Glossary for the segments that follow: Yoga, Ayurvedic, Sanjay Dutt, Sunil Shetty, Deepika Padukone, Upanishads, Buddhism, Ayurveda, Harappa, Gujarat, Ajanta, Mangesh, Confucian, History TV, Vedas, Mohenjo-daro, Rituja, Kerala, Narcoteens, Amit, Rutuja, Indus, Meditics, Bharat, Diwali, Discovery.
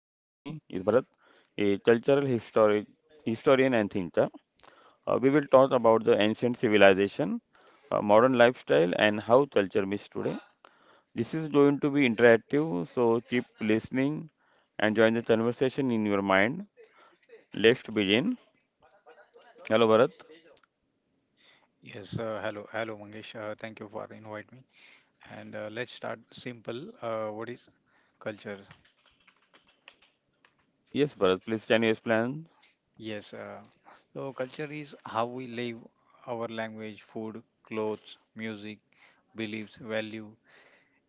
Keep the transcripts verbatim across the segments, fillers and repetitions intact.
is Bharat, a cultural histori- historian and thinker. Uh, we will talk about the ancient civilization, uh, modern lifestyle, and how culture meets today. This is going to be interactive, so keep listening and join the conversation in your mind. Let's begin. Hello, Bharat. Yes, uh, hello, hello, Mangesh. Uh, thank you for inviting me. And uh, let's start simple. Uh, what is culture? Yes, Bharat, please can you explain? Yes, uh, so culture is how we live, our language, food, clothes, music, beliefs, value.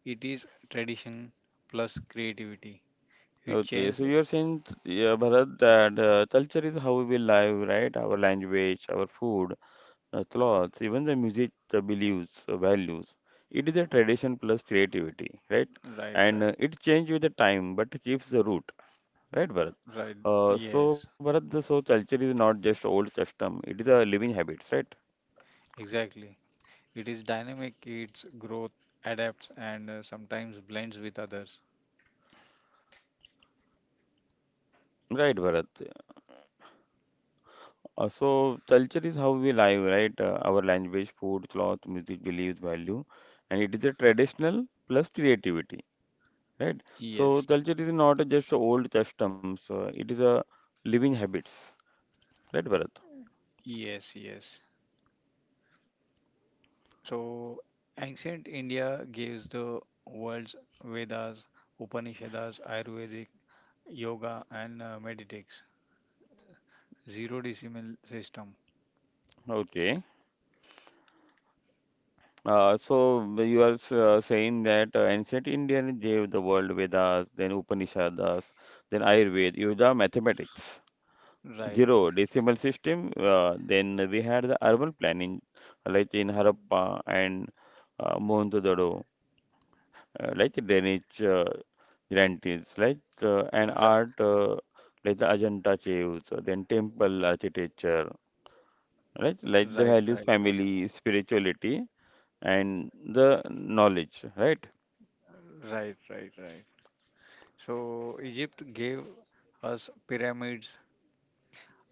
It is tradition plus creativity. It Okay, so changes. you're saying, yeah, Bharat, that uh, culture is how we live, right? Our language, our food, uh, clothes, even the music, the beliefs, uh, values. It is a tradition plus creativity, right? Right, And uh, right, it changes with the time, but keeps the root, right, Bharat? right. Uh, so, Yes, Bharat, the- so culture is not just old custom, it is a living habits, right? exactly. It is dynamic. It's growth, adapts, and uh, sometimes blends with others. Right, Bharat. Uh, so culture is how we live, right? Uh, our language, food, cloth, music, beliefs, value, and it is a traditional plus creativity, right? So Yes, culture is not just old customs; uh, it is a living habits, right, Bharat? yes, yes. So, ancient India gives the world's Vedas, Upanishads, Ayurvedic, Yoga, and uh, Meditics. Zero decimal system. Okay. Uh, so you are s- uh, saying that uh, ancient Indian gave the world Vedas, then Upanishads, then Ayurveda, Yoga, mathematics. Right, Zero decimal system. Uh, then we had the urban planning, like in Harappa and uh, Mohenjo-daro, uh, like drainage uh, giants, like uh, and right, art, uh, like the Ajanta caves, uh, then temple architecture, right? Like the right, values, right, right, family, spirituality, and the knowledge, right? right, right, right. So, Egypt gave us pyramids,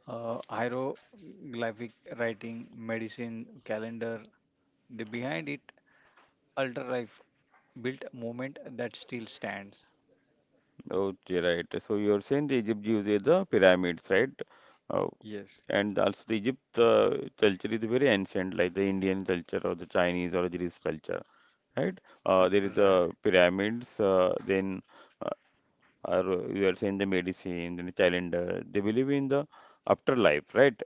uh, hieroglyphic writing, medicine, calendar. The behind it, ultra life built movement that still stands. Okay, right. So you're saying the Egypt uses the pyramids, right? Uh, Yes, and also the Egypt uh, culture is very ancient, like the Indian culture or the Chinese or the Greece culture, right? r- Uh, there is right. the pyramids, uh, then uh, are, you are saying the medicine, then the calendar. They believe in the afterlife, right?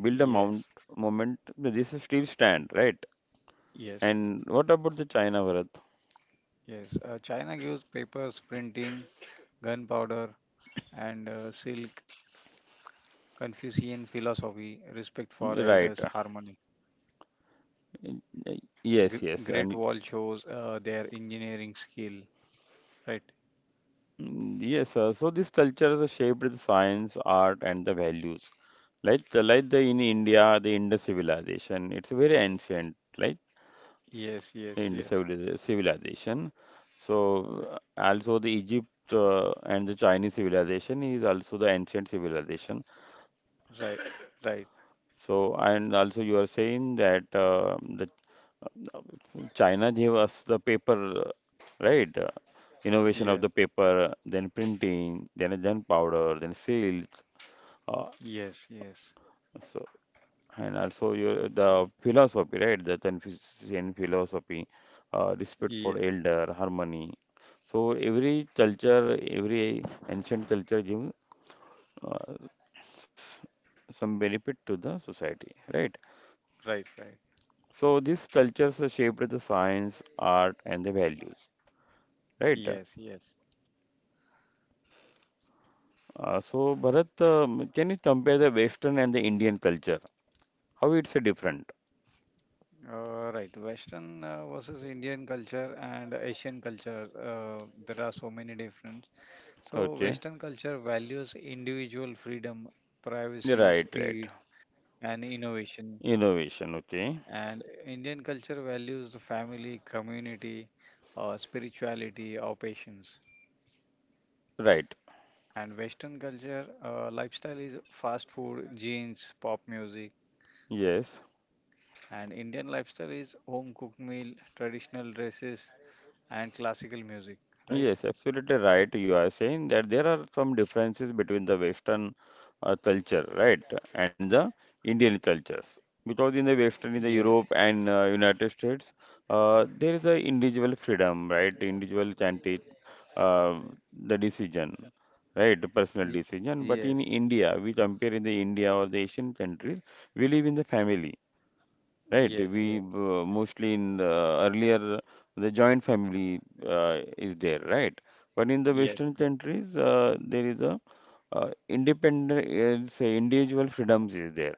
Build a Yes, mount moment. This is still stand, right? yes. And what about the China, Bharat? Yes, uh, China gives papers, printing, gunpowder, and uh, silk, Confucian philosophy, respect for Mm, right. elders, uh, harmony. y- y- Yes, G- yes. Great And Wall shows uh, their engineering skill, right? mm, yes, sir. So these cultures are shaped the science, art, and the values. Like the, like the in India, the Indus civilization. It's very ancient, like Yes, the yes, Indus yes, civili- civilization. So uh, also the Egypt uh, and the Chinese civilization is also the ancient civilization. right, right, So and also you are saying that uh, the uh, China gave us the paper, right? Uh, Innovation of the yes, paper, then printing, then then powder, then silk. Uh, yes, yes, so, and also your the philosophy, right? The Confucian philosophy, uh, respect for yes, elder, harmony. So every culture, every ancient culture gives uh, some benefit to the society, right? right, right, So these cultures shaped the science, art, and the values, right? yes, yes. Uh, so Bharat, um, can you compare the Western and the Indian culture? How it's uh, different? Uh, right, Western uh, versus Indian culture and Asian culture, uh, there are so many difference. So, Okay, Western culture values individual freedom, privacy, right, right. speed, and innovation. Innovation, okay, And Indian culture values the family, community, uh, spirituality, or patience. right. And Western culture uh, lifestyle is fast food, jeans, pop music. Yes. And Indian lifestyle is home cooked meal, traditional dresses, and classical music. Right? Yes, absolutely right. You are saying that there are some differences between the Western uh, culture, right, and the Indian cultures. Because in the Western, in the Yes. Europe and uh, United States, uh, there is a individual freedom, right? Individual can take uh, the decision, right? Personal Y- decision. But Yes. in India, we compare in the India or the Asian countries, we live in the family, right? Yes. We Yes. uh, mostly in the earlier the joint family uh, is there, right? But in the Yes. Western Yes. countries, uh, there is a uh, independent, uh, say individual freedoms is there,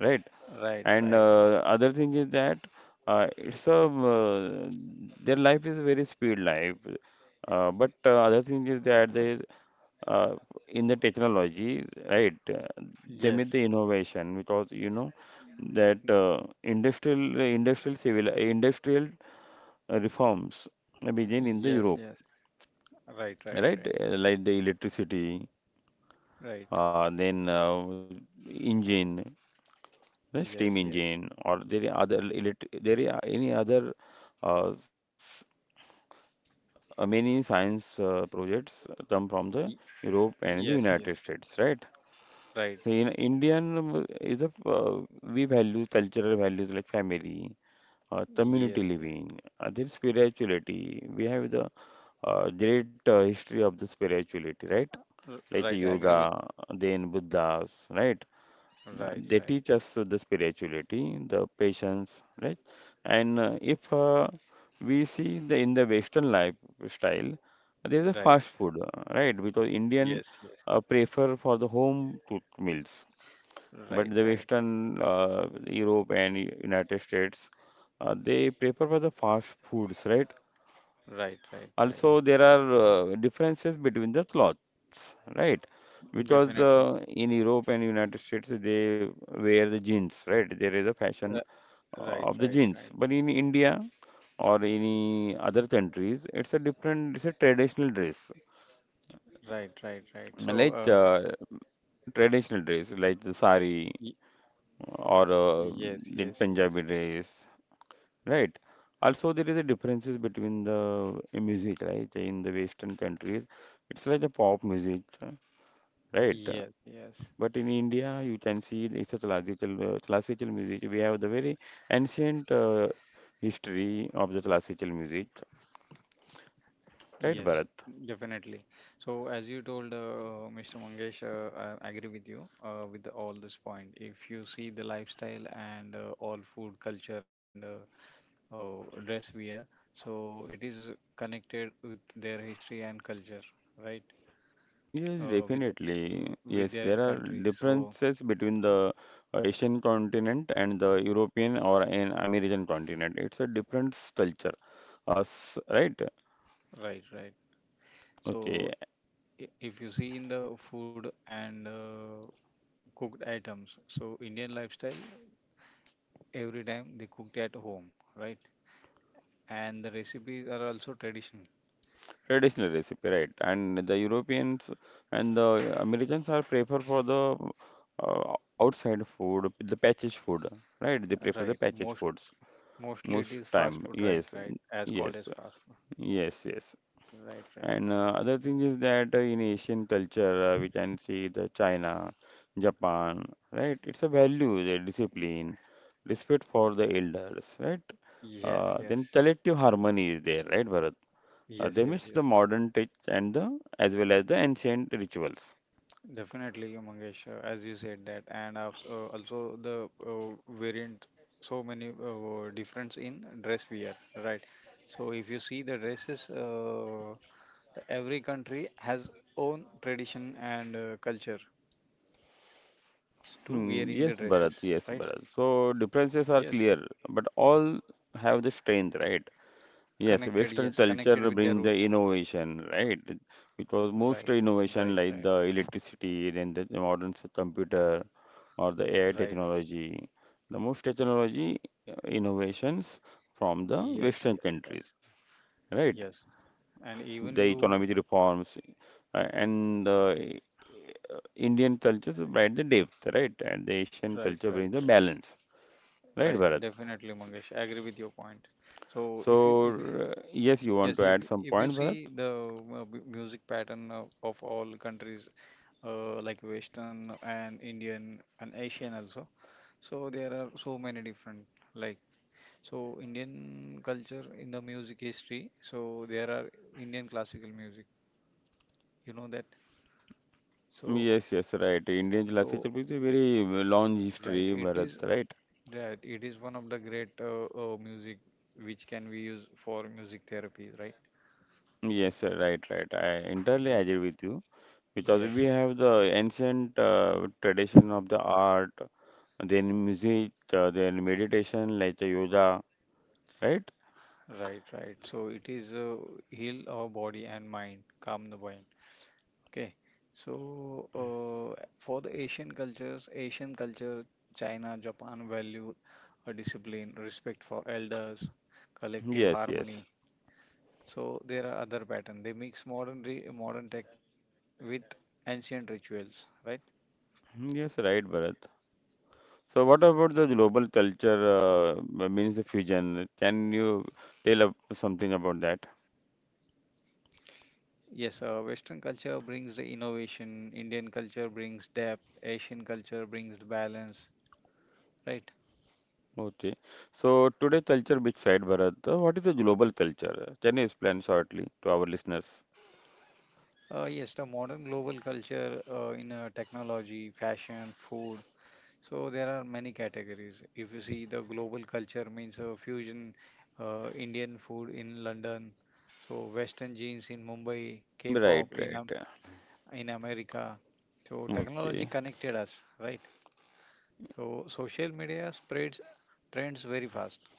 right? Right. And Right. uh, other thing is that uh, it's a uh, their life is very speed life, uh, but uh, other thing is that they uh, in the technology, right? Uh, they made the Yes. innovation because you know that uh, industrial industrial civil industrial uh, reforms begin in the Yes, Europe, yes. Right, right, right? right, Uh, Like the electricity, right. uh, then uh, engine, the steam Yes, yes. engine, or there are other elect there are any other uh, s- uh, many science uh, projects come from the Y- Europe and the Yes, United yes. States, right? Right. So in Indian um, is a uh, we value cultural values like family, uh, Yes, community yes. living, uh, there is spirituality. We have the uh, great uh, history of the spirituality, right? R- Like the Right. I agree with. yoga, then Buddhas, right? Uh, Right, They right, teach us uh, the spirituality, the patience, right? And uh, if uh, we see the in the Western lifestyle, there is a right. fast food, uh, right? Because Indian Yes, yes. uh, prefer for the home cooked meals. But Right, the right, Western uh, Europe and U- United States, uh, they prefer for the fast foods, right? right, right, right. Also, there are uh, differences between the clothes, right? Because Definitely. uh, in Europe and United States, they wear the jeans, right? There is a fashion Uh, uh, Right, of the right, jeans. right, But in India or any other countries, it's a different, it's a traditional dress, right, right, right. So, like uh, uh, traditional dress like the sari y- or uh, yes, in yes, yes, Punjabi dress, right? Also, there is a differences between the uh, music, right? In the Western countries, it's like the pop music, uh, right? yes, yes. But in India, you can see it's a classical uh, classical music. We have the very ancient uh, history of the classical music, right, Yes, Bharat? definitely. So, as you told, uh, Mister Mangesh, uh, I agree with you uh, with the- all this point. If you see the lifestyle and uh, all food culture and uh, uh, dress wear, so it is connected with their history and culture, right? Yes, Uh, with w- definitely. with Yes, their there are countries. So, differences between the uh, Asian continent and the European or an American continent. It's a different culture. Us, right? right, right. Okay, So, i- if you see in the food and uh, cooked items, so Indian lifestyle every time they cooked at home, right? And the recipes are also traditional. traditional recipe, right? And the Europeans and the Americans are prefer for the uh, outside food, the packaged food, right? They prefer the Right. packaged Most foods mostly it most is fast time. food, right, Yes, right, as called as yes, fast food, yes, yes. right, right. And uh, other thing is that uh, in Asian culture, uh, we can see the China, Japan, right? It's a value, the discipline, respect for the elders, right? yes Uh, then yes collective harmony is there, right, Bharat? Uh, yes They yes mix the yes modern touch and the as well as the ancient rituals. Definitely, Mangesh. Uh, as you said that, and also, also the uh, variant, so many uh, difference in dress wear, right. So if you see the dresses, uh, every country has own tradition and uh, culture to wearing the Hmm, dresses, yes, Bharat. right? Yes, Bharat. So differences Yes. are clear, but all have the strength, right? Yes, Connected, yes, Western connected culture with their brings the roots. innovation, right? Which Right, was most right, right, innovation like the electricity, then the modern s- computer or the A I right. technology. The most technology uh, innovations from the Yes, Western yes, yes, countries, right? yes. And The even you, economic reforms, uh, and the uh, Indian culture brings the depth, right? And the Asian right, culture right, brings the right, balance, right, right. Bharat? Definitely, Mangesh. I agree with your point. So if you, So, if you, uh, yes, you yes, want to if add you- some if you point, see Bharat? the uh, mu- music pattern of, of all countries, uh, like Western and Indian and Asian also, so there are so many different, like. So Indian culture in the music history. So there are Indian classical music. You know that. So Yes, yes, right. Indian so literature is a very long right. history, It Bharat, is right? that it is one of the great uh, uh, music which can be used for music therapy. Right. Yes, uh, right, right. I entirely Ye- agree with you because we Yes. have the ancient uh, tradition of the art, then music, uh, then meditation like the yoga, right? Right. Right. So it is uh, heal our body and mind, calm the mind. Okay, so uh, for the Asian cultures, Asian culture, China, Japan value a discipline, respect for elders, collective Yes, yes. harmony. So there are other patterns. They mix modern re modern tech with ancient rituals, right? Mm, yes, right, Bharat. So, what about the global culture uh, m- means the fusion? Can you tell up something about that? Yes, uh, Western culture brings the innovation, Indian culture brings depth, Asian culture brings the balance, right? Okay. So, today culture bit side, Bharat. Uh, What is the global culture? Can you explain shortly to our listeners? Uh, yes, the modern global culture uh, in uh, technology, fashion, food. So there are many categories. If you see the global culture means uh, fusion, uh, Indian food in London, so Western genes in Mumbai, Right, K-pop in right. Am- in America. So technology Okay. connected us, right? So social media spreads trends very fast.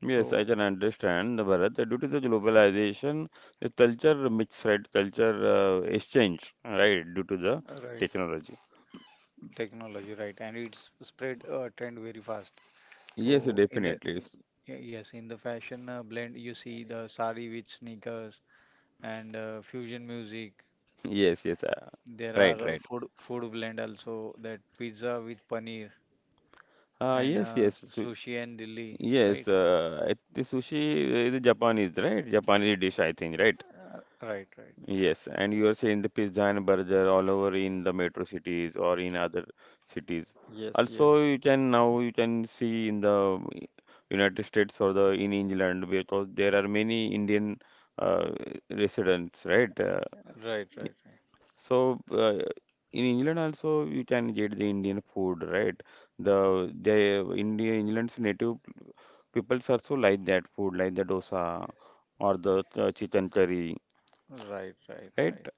Yes, I So can understand, Bharat. Due to the globalization, the culture mix, right? Culture uh, exchange, right? Due to the right, technology. technology, right, and it's spread uh, trend very fast. Yes, So in the definitely. y- yes, in the fashion uh, blend, you see the sari with sneakers and uh, fusion music. Yes, yes. Uh, There Right, are uh, right. food food blend also, that pizza with paneer Uh, and Yes, uh, yes. s- So, sushi and dilli, yes, right? uh, I- the sushi is Japanese, right? Japanese dish, I think, right? Uh, right, right. Yes, and you are saying the pizza and burger all over in the metro cities or in other cities. Yes, Also, yes. you can now you can see in the United States or the in England because there are many Indian uh, residents, right? Uh, Right, right, so uh, in England also you can get the Indian food, right? The the India England's native people also like that food, like the dosa or the uh, chicken curry, right. Right, right, right? right.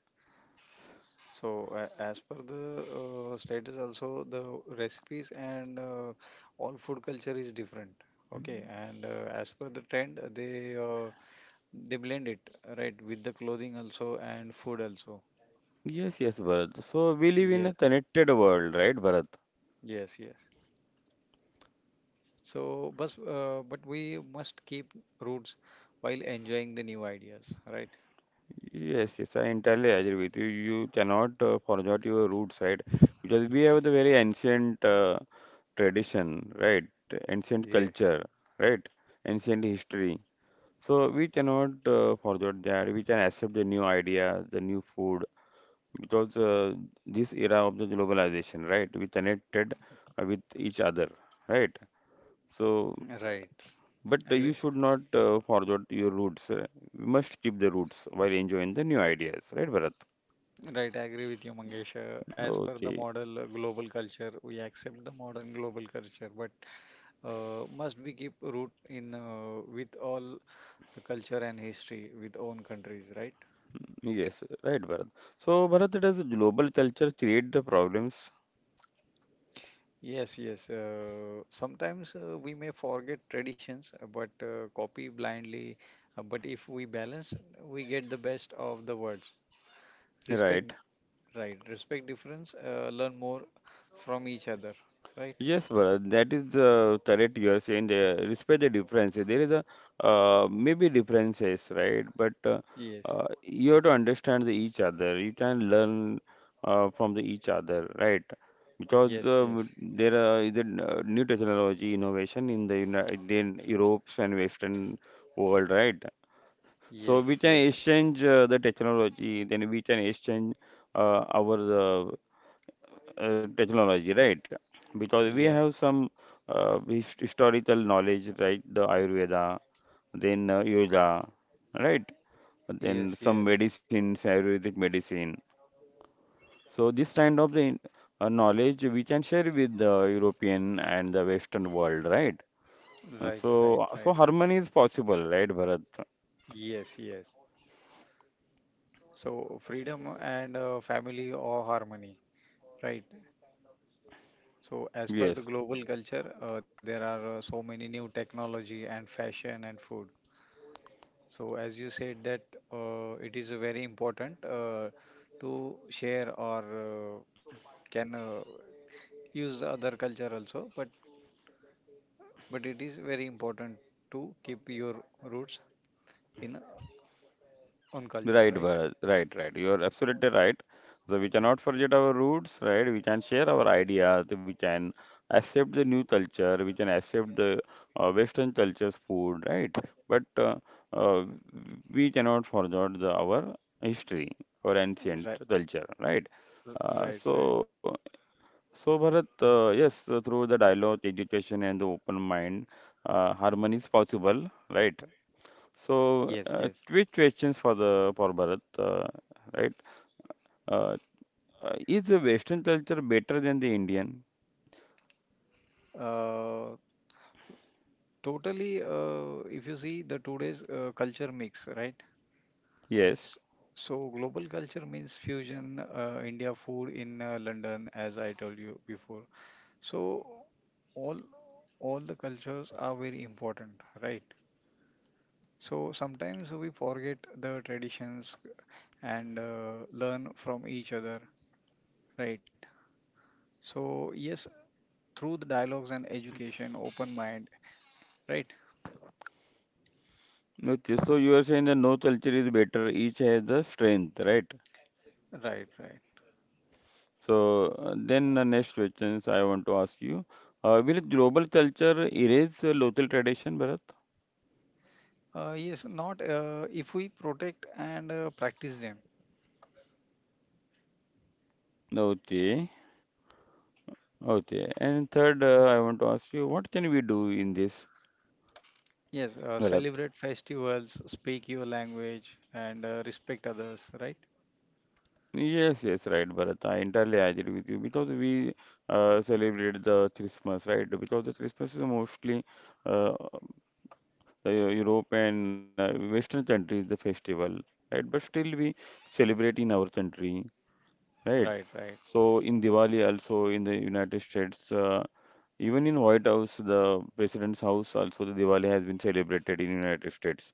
So, uh, as per the uh, status, also the recipes and uh, all food culture is different. Okay, and uh, as per the trend, they uh, they blend it, right, with the clothing also and food also. Yes, yes, Bharat. So we live in Yeah, a connected world, right, Bharat? yes, yes. So, but uh, but we must keep roots while enjoying the new ideas, right? Yes, yes, I entirely agree with you. You cannot uh, forget your roots, right? Because we have the very ancient uh, tradition, right? Ancient Yeah. culture, right? Ancient history. So we cannot uh, forget that. We can accept the new ideas, the new food, because uh, this era of the globalization, right? We connected uh, with each other, right? Right. So, Agree. but uh, you should not uh, forget your roots. Uh, you must keep the roots while enjoying the new ideas, right, Bharat? Right, I agree with you, Mangesh. Uh, As per the Okay, model uh, global culture, we accept the modern global culture, but uh, must we keep root in uh, with all the culture and history with own countries, right? yes, right, Bharat. So, Bharat, does global culture create the problems, Yes, yes. Uh, sometimes uh, we may forget traditions, uh, but uh, copy blindly. Uh, but if we balance, we get the best of the words. Respect, right? right? Respect difference. Uh, learn more from each other, right? Yes, Bharat, that is the correct you are saying. There, respect the differences. There is a uh, maybe differences, right? But uh, Yes, uh, you have to understand the each other. You can learn uh, from the each other, right? Because yes, uh, yes, w- there are is a uh, new technology innovation in the United, in Europe's and Western world, right? So yes, we can yes, exchange uh, the technology. Then we can exchange uh, our uh, uh, technology, right? Because we have yes, some uh, his- historical knowledge, right? The Ayurveda, then uh, yoga, right? Then yes, some yes. medicines, Ayurvedic medicine. So this kind of the uh, knowledge we can share with the European and the Western world, right? Uh, Right, right, So so right. harmony is possible, right, Bharat? Yes, yes. So freedom and uh, family or harmony, right? So, as per the Yes. global culture, uh, there are uh, so many new technology and fashion and food. So, as you said that uh, it is very important uh, to share or uh, can uh, use the other culture also, but but it is very important to keep your roots in own culture, Right, right? Bharat. Right, right. You are absolutely right. So we cannot forget our roots, right? We can share our ideas. We can accept the new culture. We can accept the uh, Western culture's food, right? But uh, uh, we cannot forget the, our history, our Right, ancient culture, right? r- right, Uh, right. so, so Bharat, uh, yes, uh, through the dialogue, education, and the open mind, uh, harmony is possible, right? Yes, So, uh, yes. quick questions for the for Bharat, uh, right? Uh, uh, is the Western culture better than the Indian? Uh, Totally. Uh, if you see the today's uh, culture mix, right? Yes. S- So global culture means fusion, uh, India food in uh, London, as I told you before. So all all the cultures are very important, right? So sometimes we forget the traditions and uh, learn from each other, right? So yes, through the dialogues and education, open mind, right? Okay. So you are saying that no culture is better. Each has the strength, right? Right, right. So uh, then the next questions I want to ask you. Uh, will global culture erase uh, local tradition, Bharat? Uh, yes, not uh, if we protect and uh, practice them. Okay. Okay. And third, uh, I want to ask you, what can we do in this, Yes, uh, Bharat? celebrate festivals, speak your language, and uh, respect others, right? Yes, yes, right, Bharat. I entirely agree with you because we uh, celebrate the Christmas, right? Because the Christmas is mostly uh, the Europe and uh, Western countries the festival, right? But still we celebrate in our country, right? Right, right. So in Diwali also in the United States, uh, even in White House, the President's house also the Diwali has been celebrated in United States,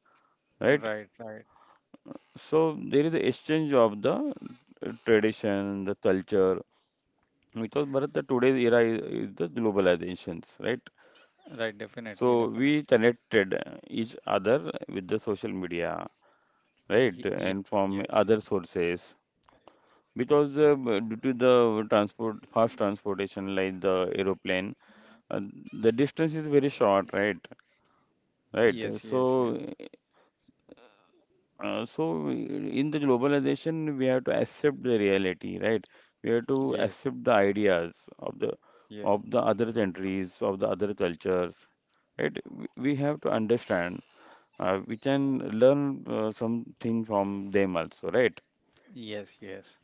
right? Right, right, So there is an exchange of the uh, tradition, the culture. Because Bharat, the today's era is, is the globalizations, right? right, definitely, So definitely. we connected uh, each other with the social media, right? Ye- ye- And from Yes, other sources. Because uh, b- due to the transport, fast transportation like the aeroplane, uh, the distance is very short, right? Right. yes, yes, yes, So Uh, so in the globalization, we have to accept the reality, right? We have to yes, accept the ideas of the yes, of the other countries, of the other cultures, right? We we have to understand. Uh, we can learn uh, something from them also, right? yes, yes.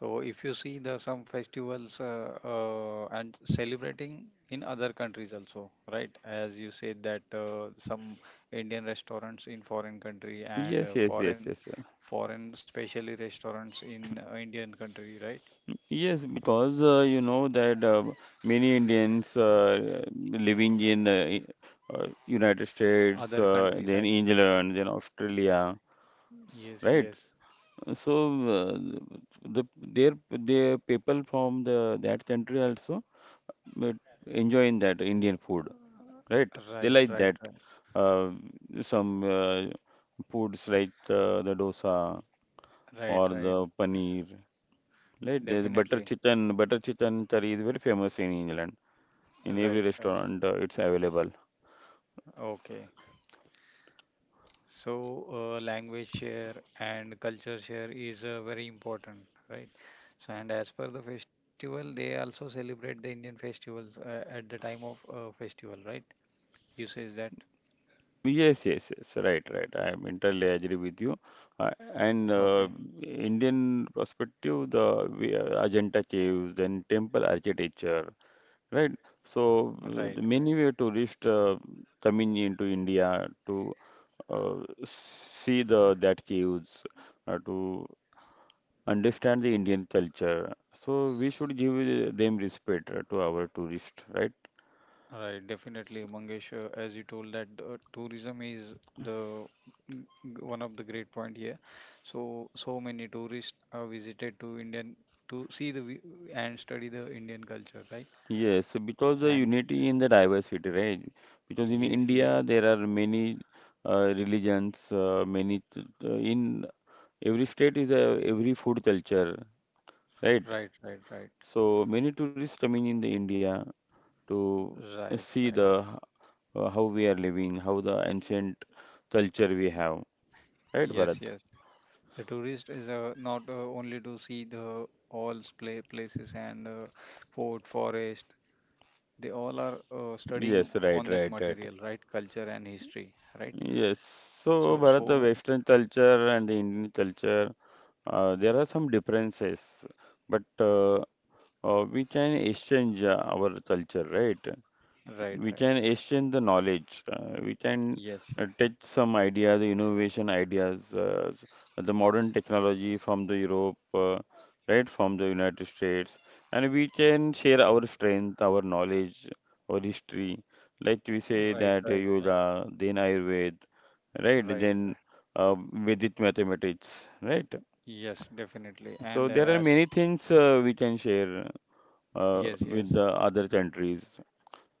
So if you see the some festivals uh, uh, and celebrating in other countries also, right? As you said that uh, some Indian restaurants in foreign country and Yes, uh, yes, yes, foreign yes, yeah. foreign especially restaurants in uh, Indian country, right? Yes, because uh, you know that uh, many Indians uh, living in uh, I- uh, United States, Other uh, country, then right? England, then Australia, Yes, right? yes. So uh, the their their people from the that country also but enjoying that Indian food, right? They Right, like right, that. right, Uh, some uh, foods like uh, the dosa right, or right. the paneer, right? The the butter Definitely. chicken, butter chicken curry is very famous in England. In every Right, right. restaurant, uh, it's available. Okay. So, uh, language share and culture share is uh, very important, right? So, and as per the festival, they also celebrate the Indian festivals uh, at the time of uh, festival, right? You says that? Yes, yes, yes. Right, right. I am entirely agree with you. Uh, and Okay. uh, Indian perspective, the we- uh, Ajanta caves, then temple architecture, right? So uh, Right, the right. many way tourists uh, coming into India to uh, see the that caves, uh, to understand the Indian culture. So we should give them respect uh, to our tourists, right? Right, definitely, Mangesh. uh, As you told that uh, tourism is the mm, g- one of the great point here. So so many tourists are visited to Indian to see the vi- and study the Indian culture, right? Yes, because the And unity in the diversity, right? Because in yes, yes, India there are many uh, religions, uh, many t- t- in every state is a every food culture, right? right, right, right, So many tourists coming in the India to right, see the right. h- uh, how we are living, how the ancient culture we have, right, Yes, Bharat? yes. The tourist is uh, not uh, only to see the all play places and uh, fort, forest. They all are uh, studying Yes, right, on that right, right. material, right? Culture and history, right? Yes, so So, Bharat, so the mu- Western culture and the Indian culture, uh, there are some differences, but uh, Uh, we can exchange uh, our culture, right? right, We right, can right. exchange the knowledge. Uh, we can Yes, uh, yes. take some ideas, innovation ideas, uh, s- the modern technology from the Europe, uh, right, from the United States, and we can share our strength, our knowledge, our history. Like we say Right, that uh, right, right, yoga, then Ayurved, right? right, Then right. uh, Vedic mathematics, right? Yes, definitely. So And there are uh, as many things uh, we can share uh, yes, with yes. the other countries.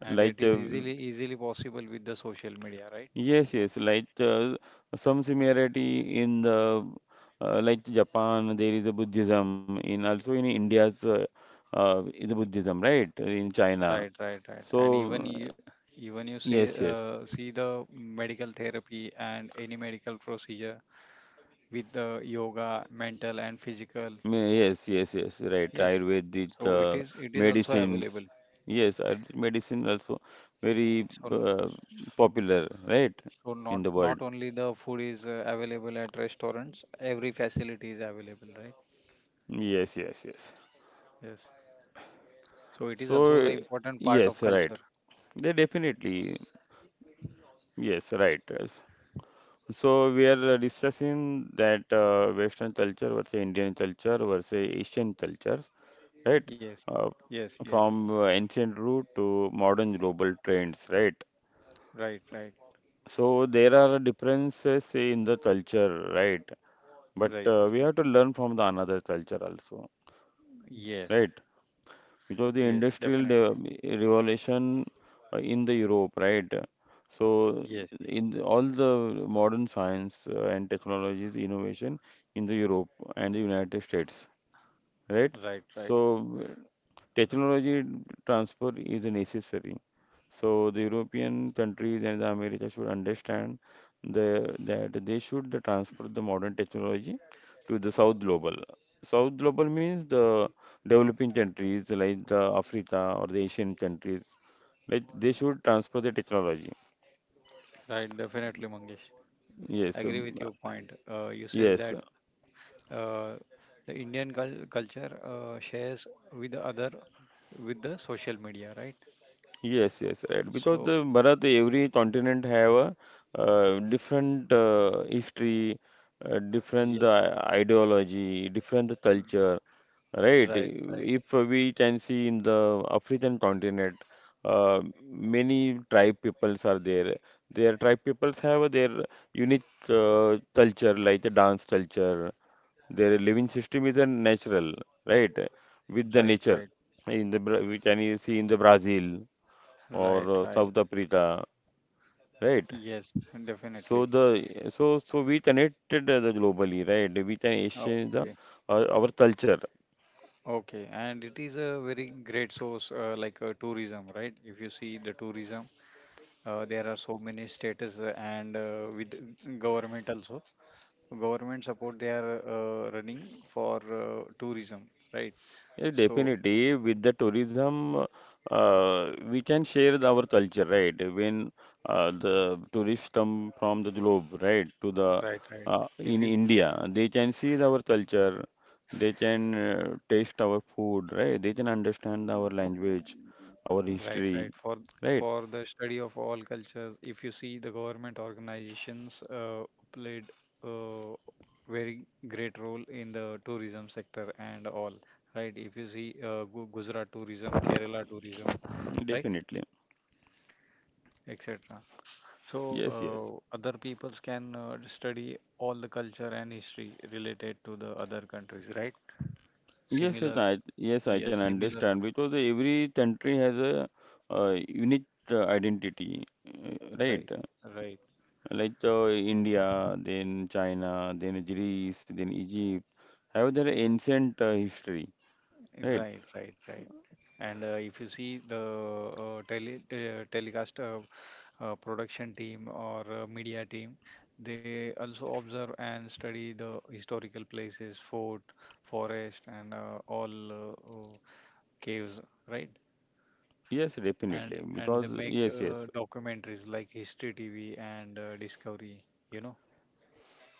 And Like, it uh, is easily, easily possible with the social media, right? yes, yes, like uh, some similarity in the uh, like Japan, there is a Buddhism. In also in India's uh, uh, is a Buddhism, right? In China. Right, right, right. And even So you, even you say, yes, yes, uh, see the medical therapy and any medical procedure with the yoga, mental and physical. Me- yes, yes, yes, right. Yes. Ayurvedic So it uh, is, it is also available. medicines. Yes, Ayurvedic medicine also very So, uh, popular, right, so not in the world. not only the food is uh, available at restaurants, every facility is available, right? Yes, yes, yes. Yes. So it is also the So important part of yes, right. culture. They definitely, yes, right, yes. So we are uh, discussing that uh, Western culture versus Indian culture versus Asian culture, right? Yes. Uh, Yes, yes. from uh, ancient root to modern global trends, right? Right, right. So there are differences in the culture, right? But Right, uh, we right. have to learn from the another culture also, Yes. right? Because the Yes, industrial definitely. de- revolution uh, in the Europe, right? So Yes. in the, all the modern science uh, and technologies innovation in the Europe and the United States, right? Right, right. So technology transfer is necessary. So the European countries and the America should understand the, that they should transfer the modern technology to the South Global. South Global means the developing countries like the Africa or the Asian countries. Like they should transfer the technology. Right, definitely, Mangesh. Yes, Agree um, with your point. Uh, you says yes. that uh, the Indian cul- culture uh, shares with the other with the social media, right? Yes, yes, right. Because So the Bharat, every continent have a uh, different uh, history, uh, different yes, uh, ideology, different culture, r- right? right, right, If we can see in the African continent, uh, many tribe peoples are there. Their tribe peoples have their unique uh, culture, like the dance culture. Their living system is a natural, right? With the right, nature. right, In the Bra- we can see in the Brazil right, or uh, right. South Africa, right? Yes, So definitely. the so so we connected uh, the globally, right? We can exchange the Okay, uh, our culture. okay, and it is a very great source uh, like uh, tourism, right? If you see the tourism, uh, there are so many status uh, and uh, with government also government support, they are uh, running for uh, tourism, right? Yeah, So definitely with the tourism, uh, we can share the- our culture, right? When uh, the tourists come from the globe, right, to the right, right. uh, in If you India, they can see our culture, they can uh, taste our food, right? They can understand our language, our right, right. history, For right? for the study of all cultures, if you see the government organizations uh, played a very great role in the tourism sector and all, right? If you see uh, Gu- Gujarat tourism, Kerala tourism, right, Definitely. et cetera. So Yes, yes, uh, other peoples can uh, study all the culture and history related to the other countries, right? yes. It, Similar, I yes, I yes, can similar, understand because every country has a, uh, unique uh, identity, uh, right? right, right. Like uh, India, then China, then Greece, then Egypt have their ancient uh, history, right? Right, right, right. And uh, if you see the uh, tele uh, telecast uh, uh, production team or uh, media team, they also observe and study the historical places, fort, forest, and uh, all uh, uh, caves, right? Yes, And definitely. and they Because make yes, yes, uh, documentaries like History T V and uh, Discovery, you know.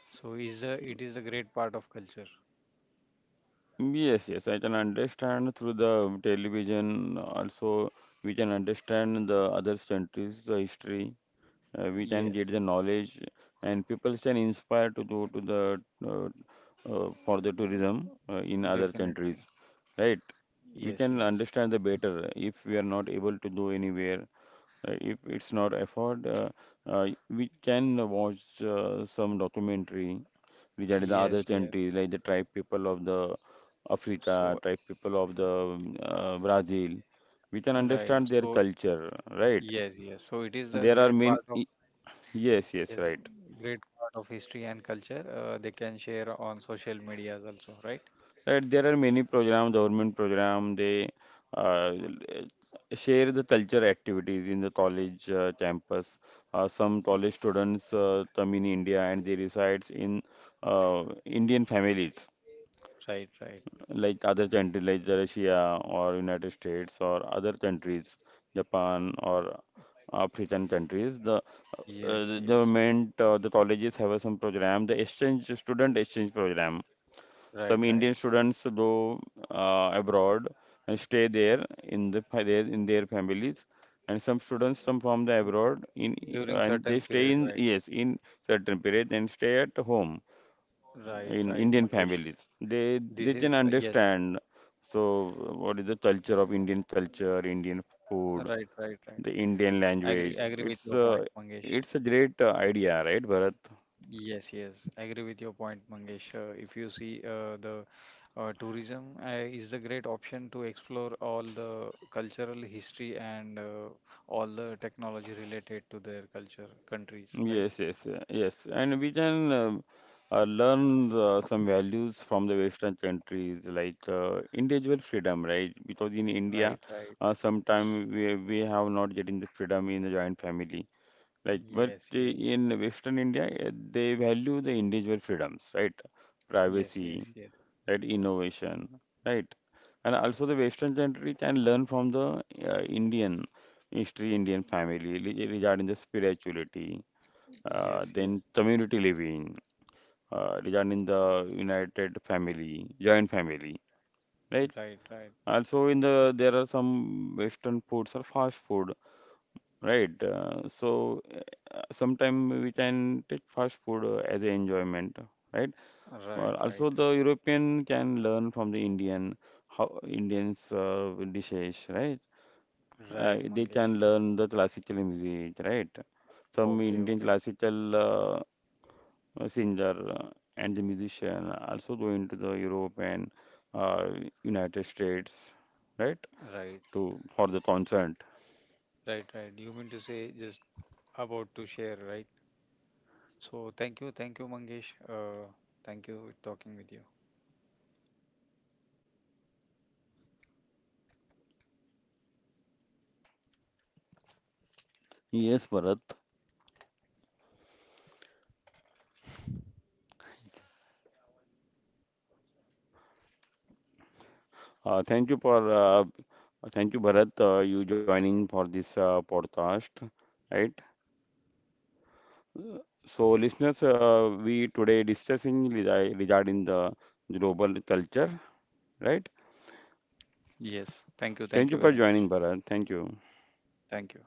So is a it is a great part of culture. yes, yes. I can understand through the television. Also, we can understand the other countries' uh, history. Uh, we can Yes, get the knowledge and people can inspire to go to the uh, uh, for the tourism uh, in other countries, definitely. right? We Yes, can yes. understand the better if we are not able to go anywhere, uh, if it's not afford, uh, uh, we can watch uh, some documentary regarding the other Yes, yes. countries like the tribe people of the Africa, So tribe people of the um, uh, Brazil. We can right. understand their So culture, right? yes, yes. So it is the There are great many. part of Yes, yes, yes, right. great part of history and culture. Uh, they can share on social medias also, right? Right, there are many programs, government program. They uh, share the culture activities in the college uh, campus. Uh, some college students uh, come in India and they reside in uh, Indian families, Right, right. like other countries like the Russia or United States or other countries, Japan or African countries. The uh, Yes, the yes. government, uh, the colleges have uh, some program, the exchange student exchange program. Right, Some Indian right. students go uh, abroad and stay there in the fa- their in their families, and some students come from the abroad in During and they certain stay period, in right, yes in certain period and stay at home right, in right, Indian Mangesh. families. They they This can is yes, understand. So what is the culture of Indian culture, Indian food, right, right, right. the Indian I agree, language? I agree with It's your uh, point, Mangesh. it's a great uh, idea, right, Bharat? Yes, yes, I agree with your point, Mangesh. Uh, if you see uh, the uh, tourism uh, is the great option to explore all the cultural history and uh, all the technology related to their culture, countries, right? Yes, yes, uh, yes. And we can um, uh, learn uh, some values from the Western countries, like uh, individual freedom, right? Because in India, Right, right. uh, sometimes we we have not getting the freedom in the joint family, like. But Yes, uh, yes, in Western India, uh, they value the individual freedoms, right? yes, yes, Privacy, yes, right? Innovation, right? And also the Western country can learn from the uh, Indian history, Indian family re- regarding the spirituality, uh, yes, yes. then community living, uh, regarding the united family, joint family, right? Right, right, Also in the there are some Western foods or fast food, right? Uh, so uh, sometime we can take fast food uh, as a enjoyment, right? Uh, right, right, also the European can learn from the Indian how Indians uh, dishes, right? Uh, right, they Mangesh. can learn the classical music, right? Some Okay, Indian okay, classical uh, uh, singer uh, and the musician also go into the Europe and uh, United States, right? right, To for the concert. right, right. You mean to say just about to share, right? So thank you, thank you, Mangesh. Uh, thank you talking with you. Yes, Bharat. Uh, thank you for uh, thank you, Bharat, uh, you joining for this uh, podcast, right? So, listeners, uh, we today discussing rega- regarding the global culture, right? Yes, thank you, Thank thank you you for very joining, much. Bharat. Thank you. Thank you.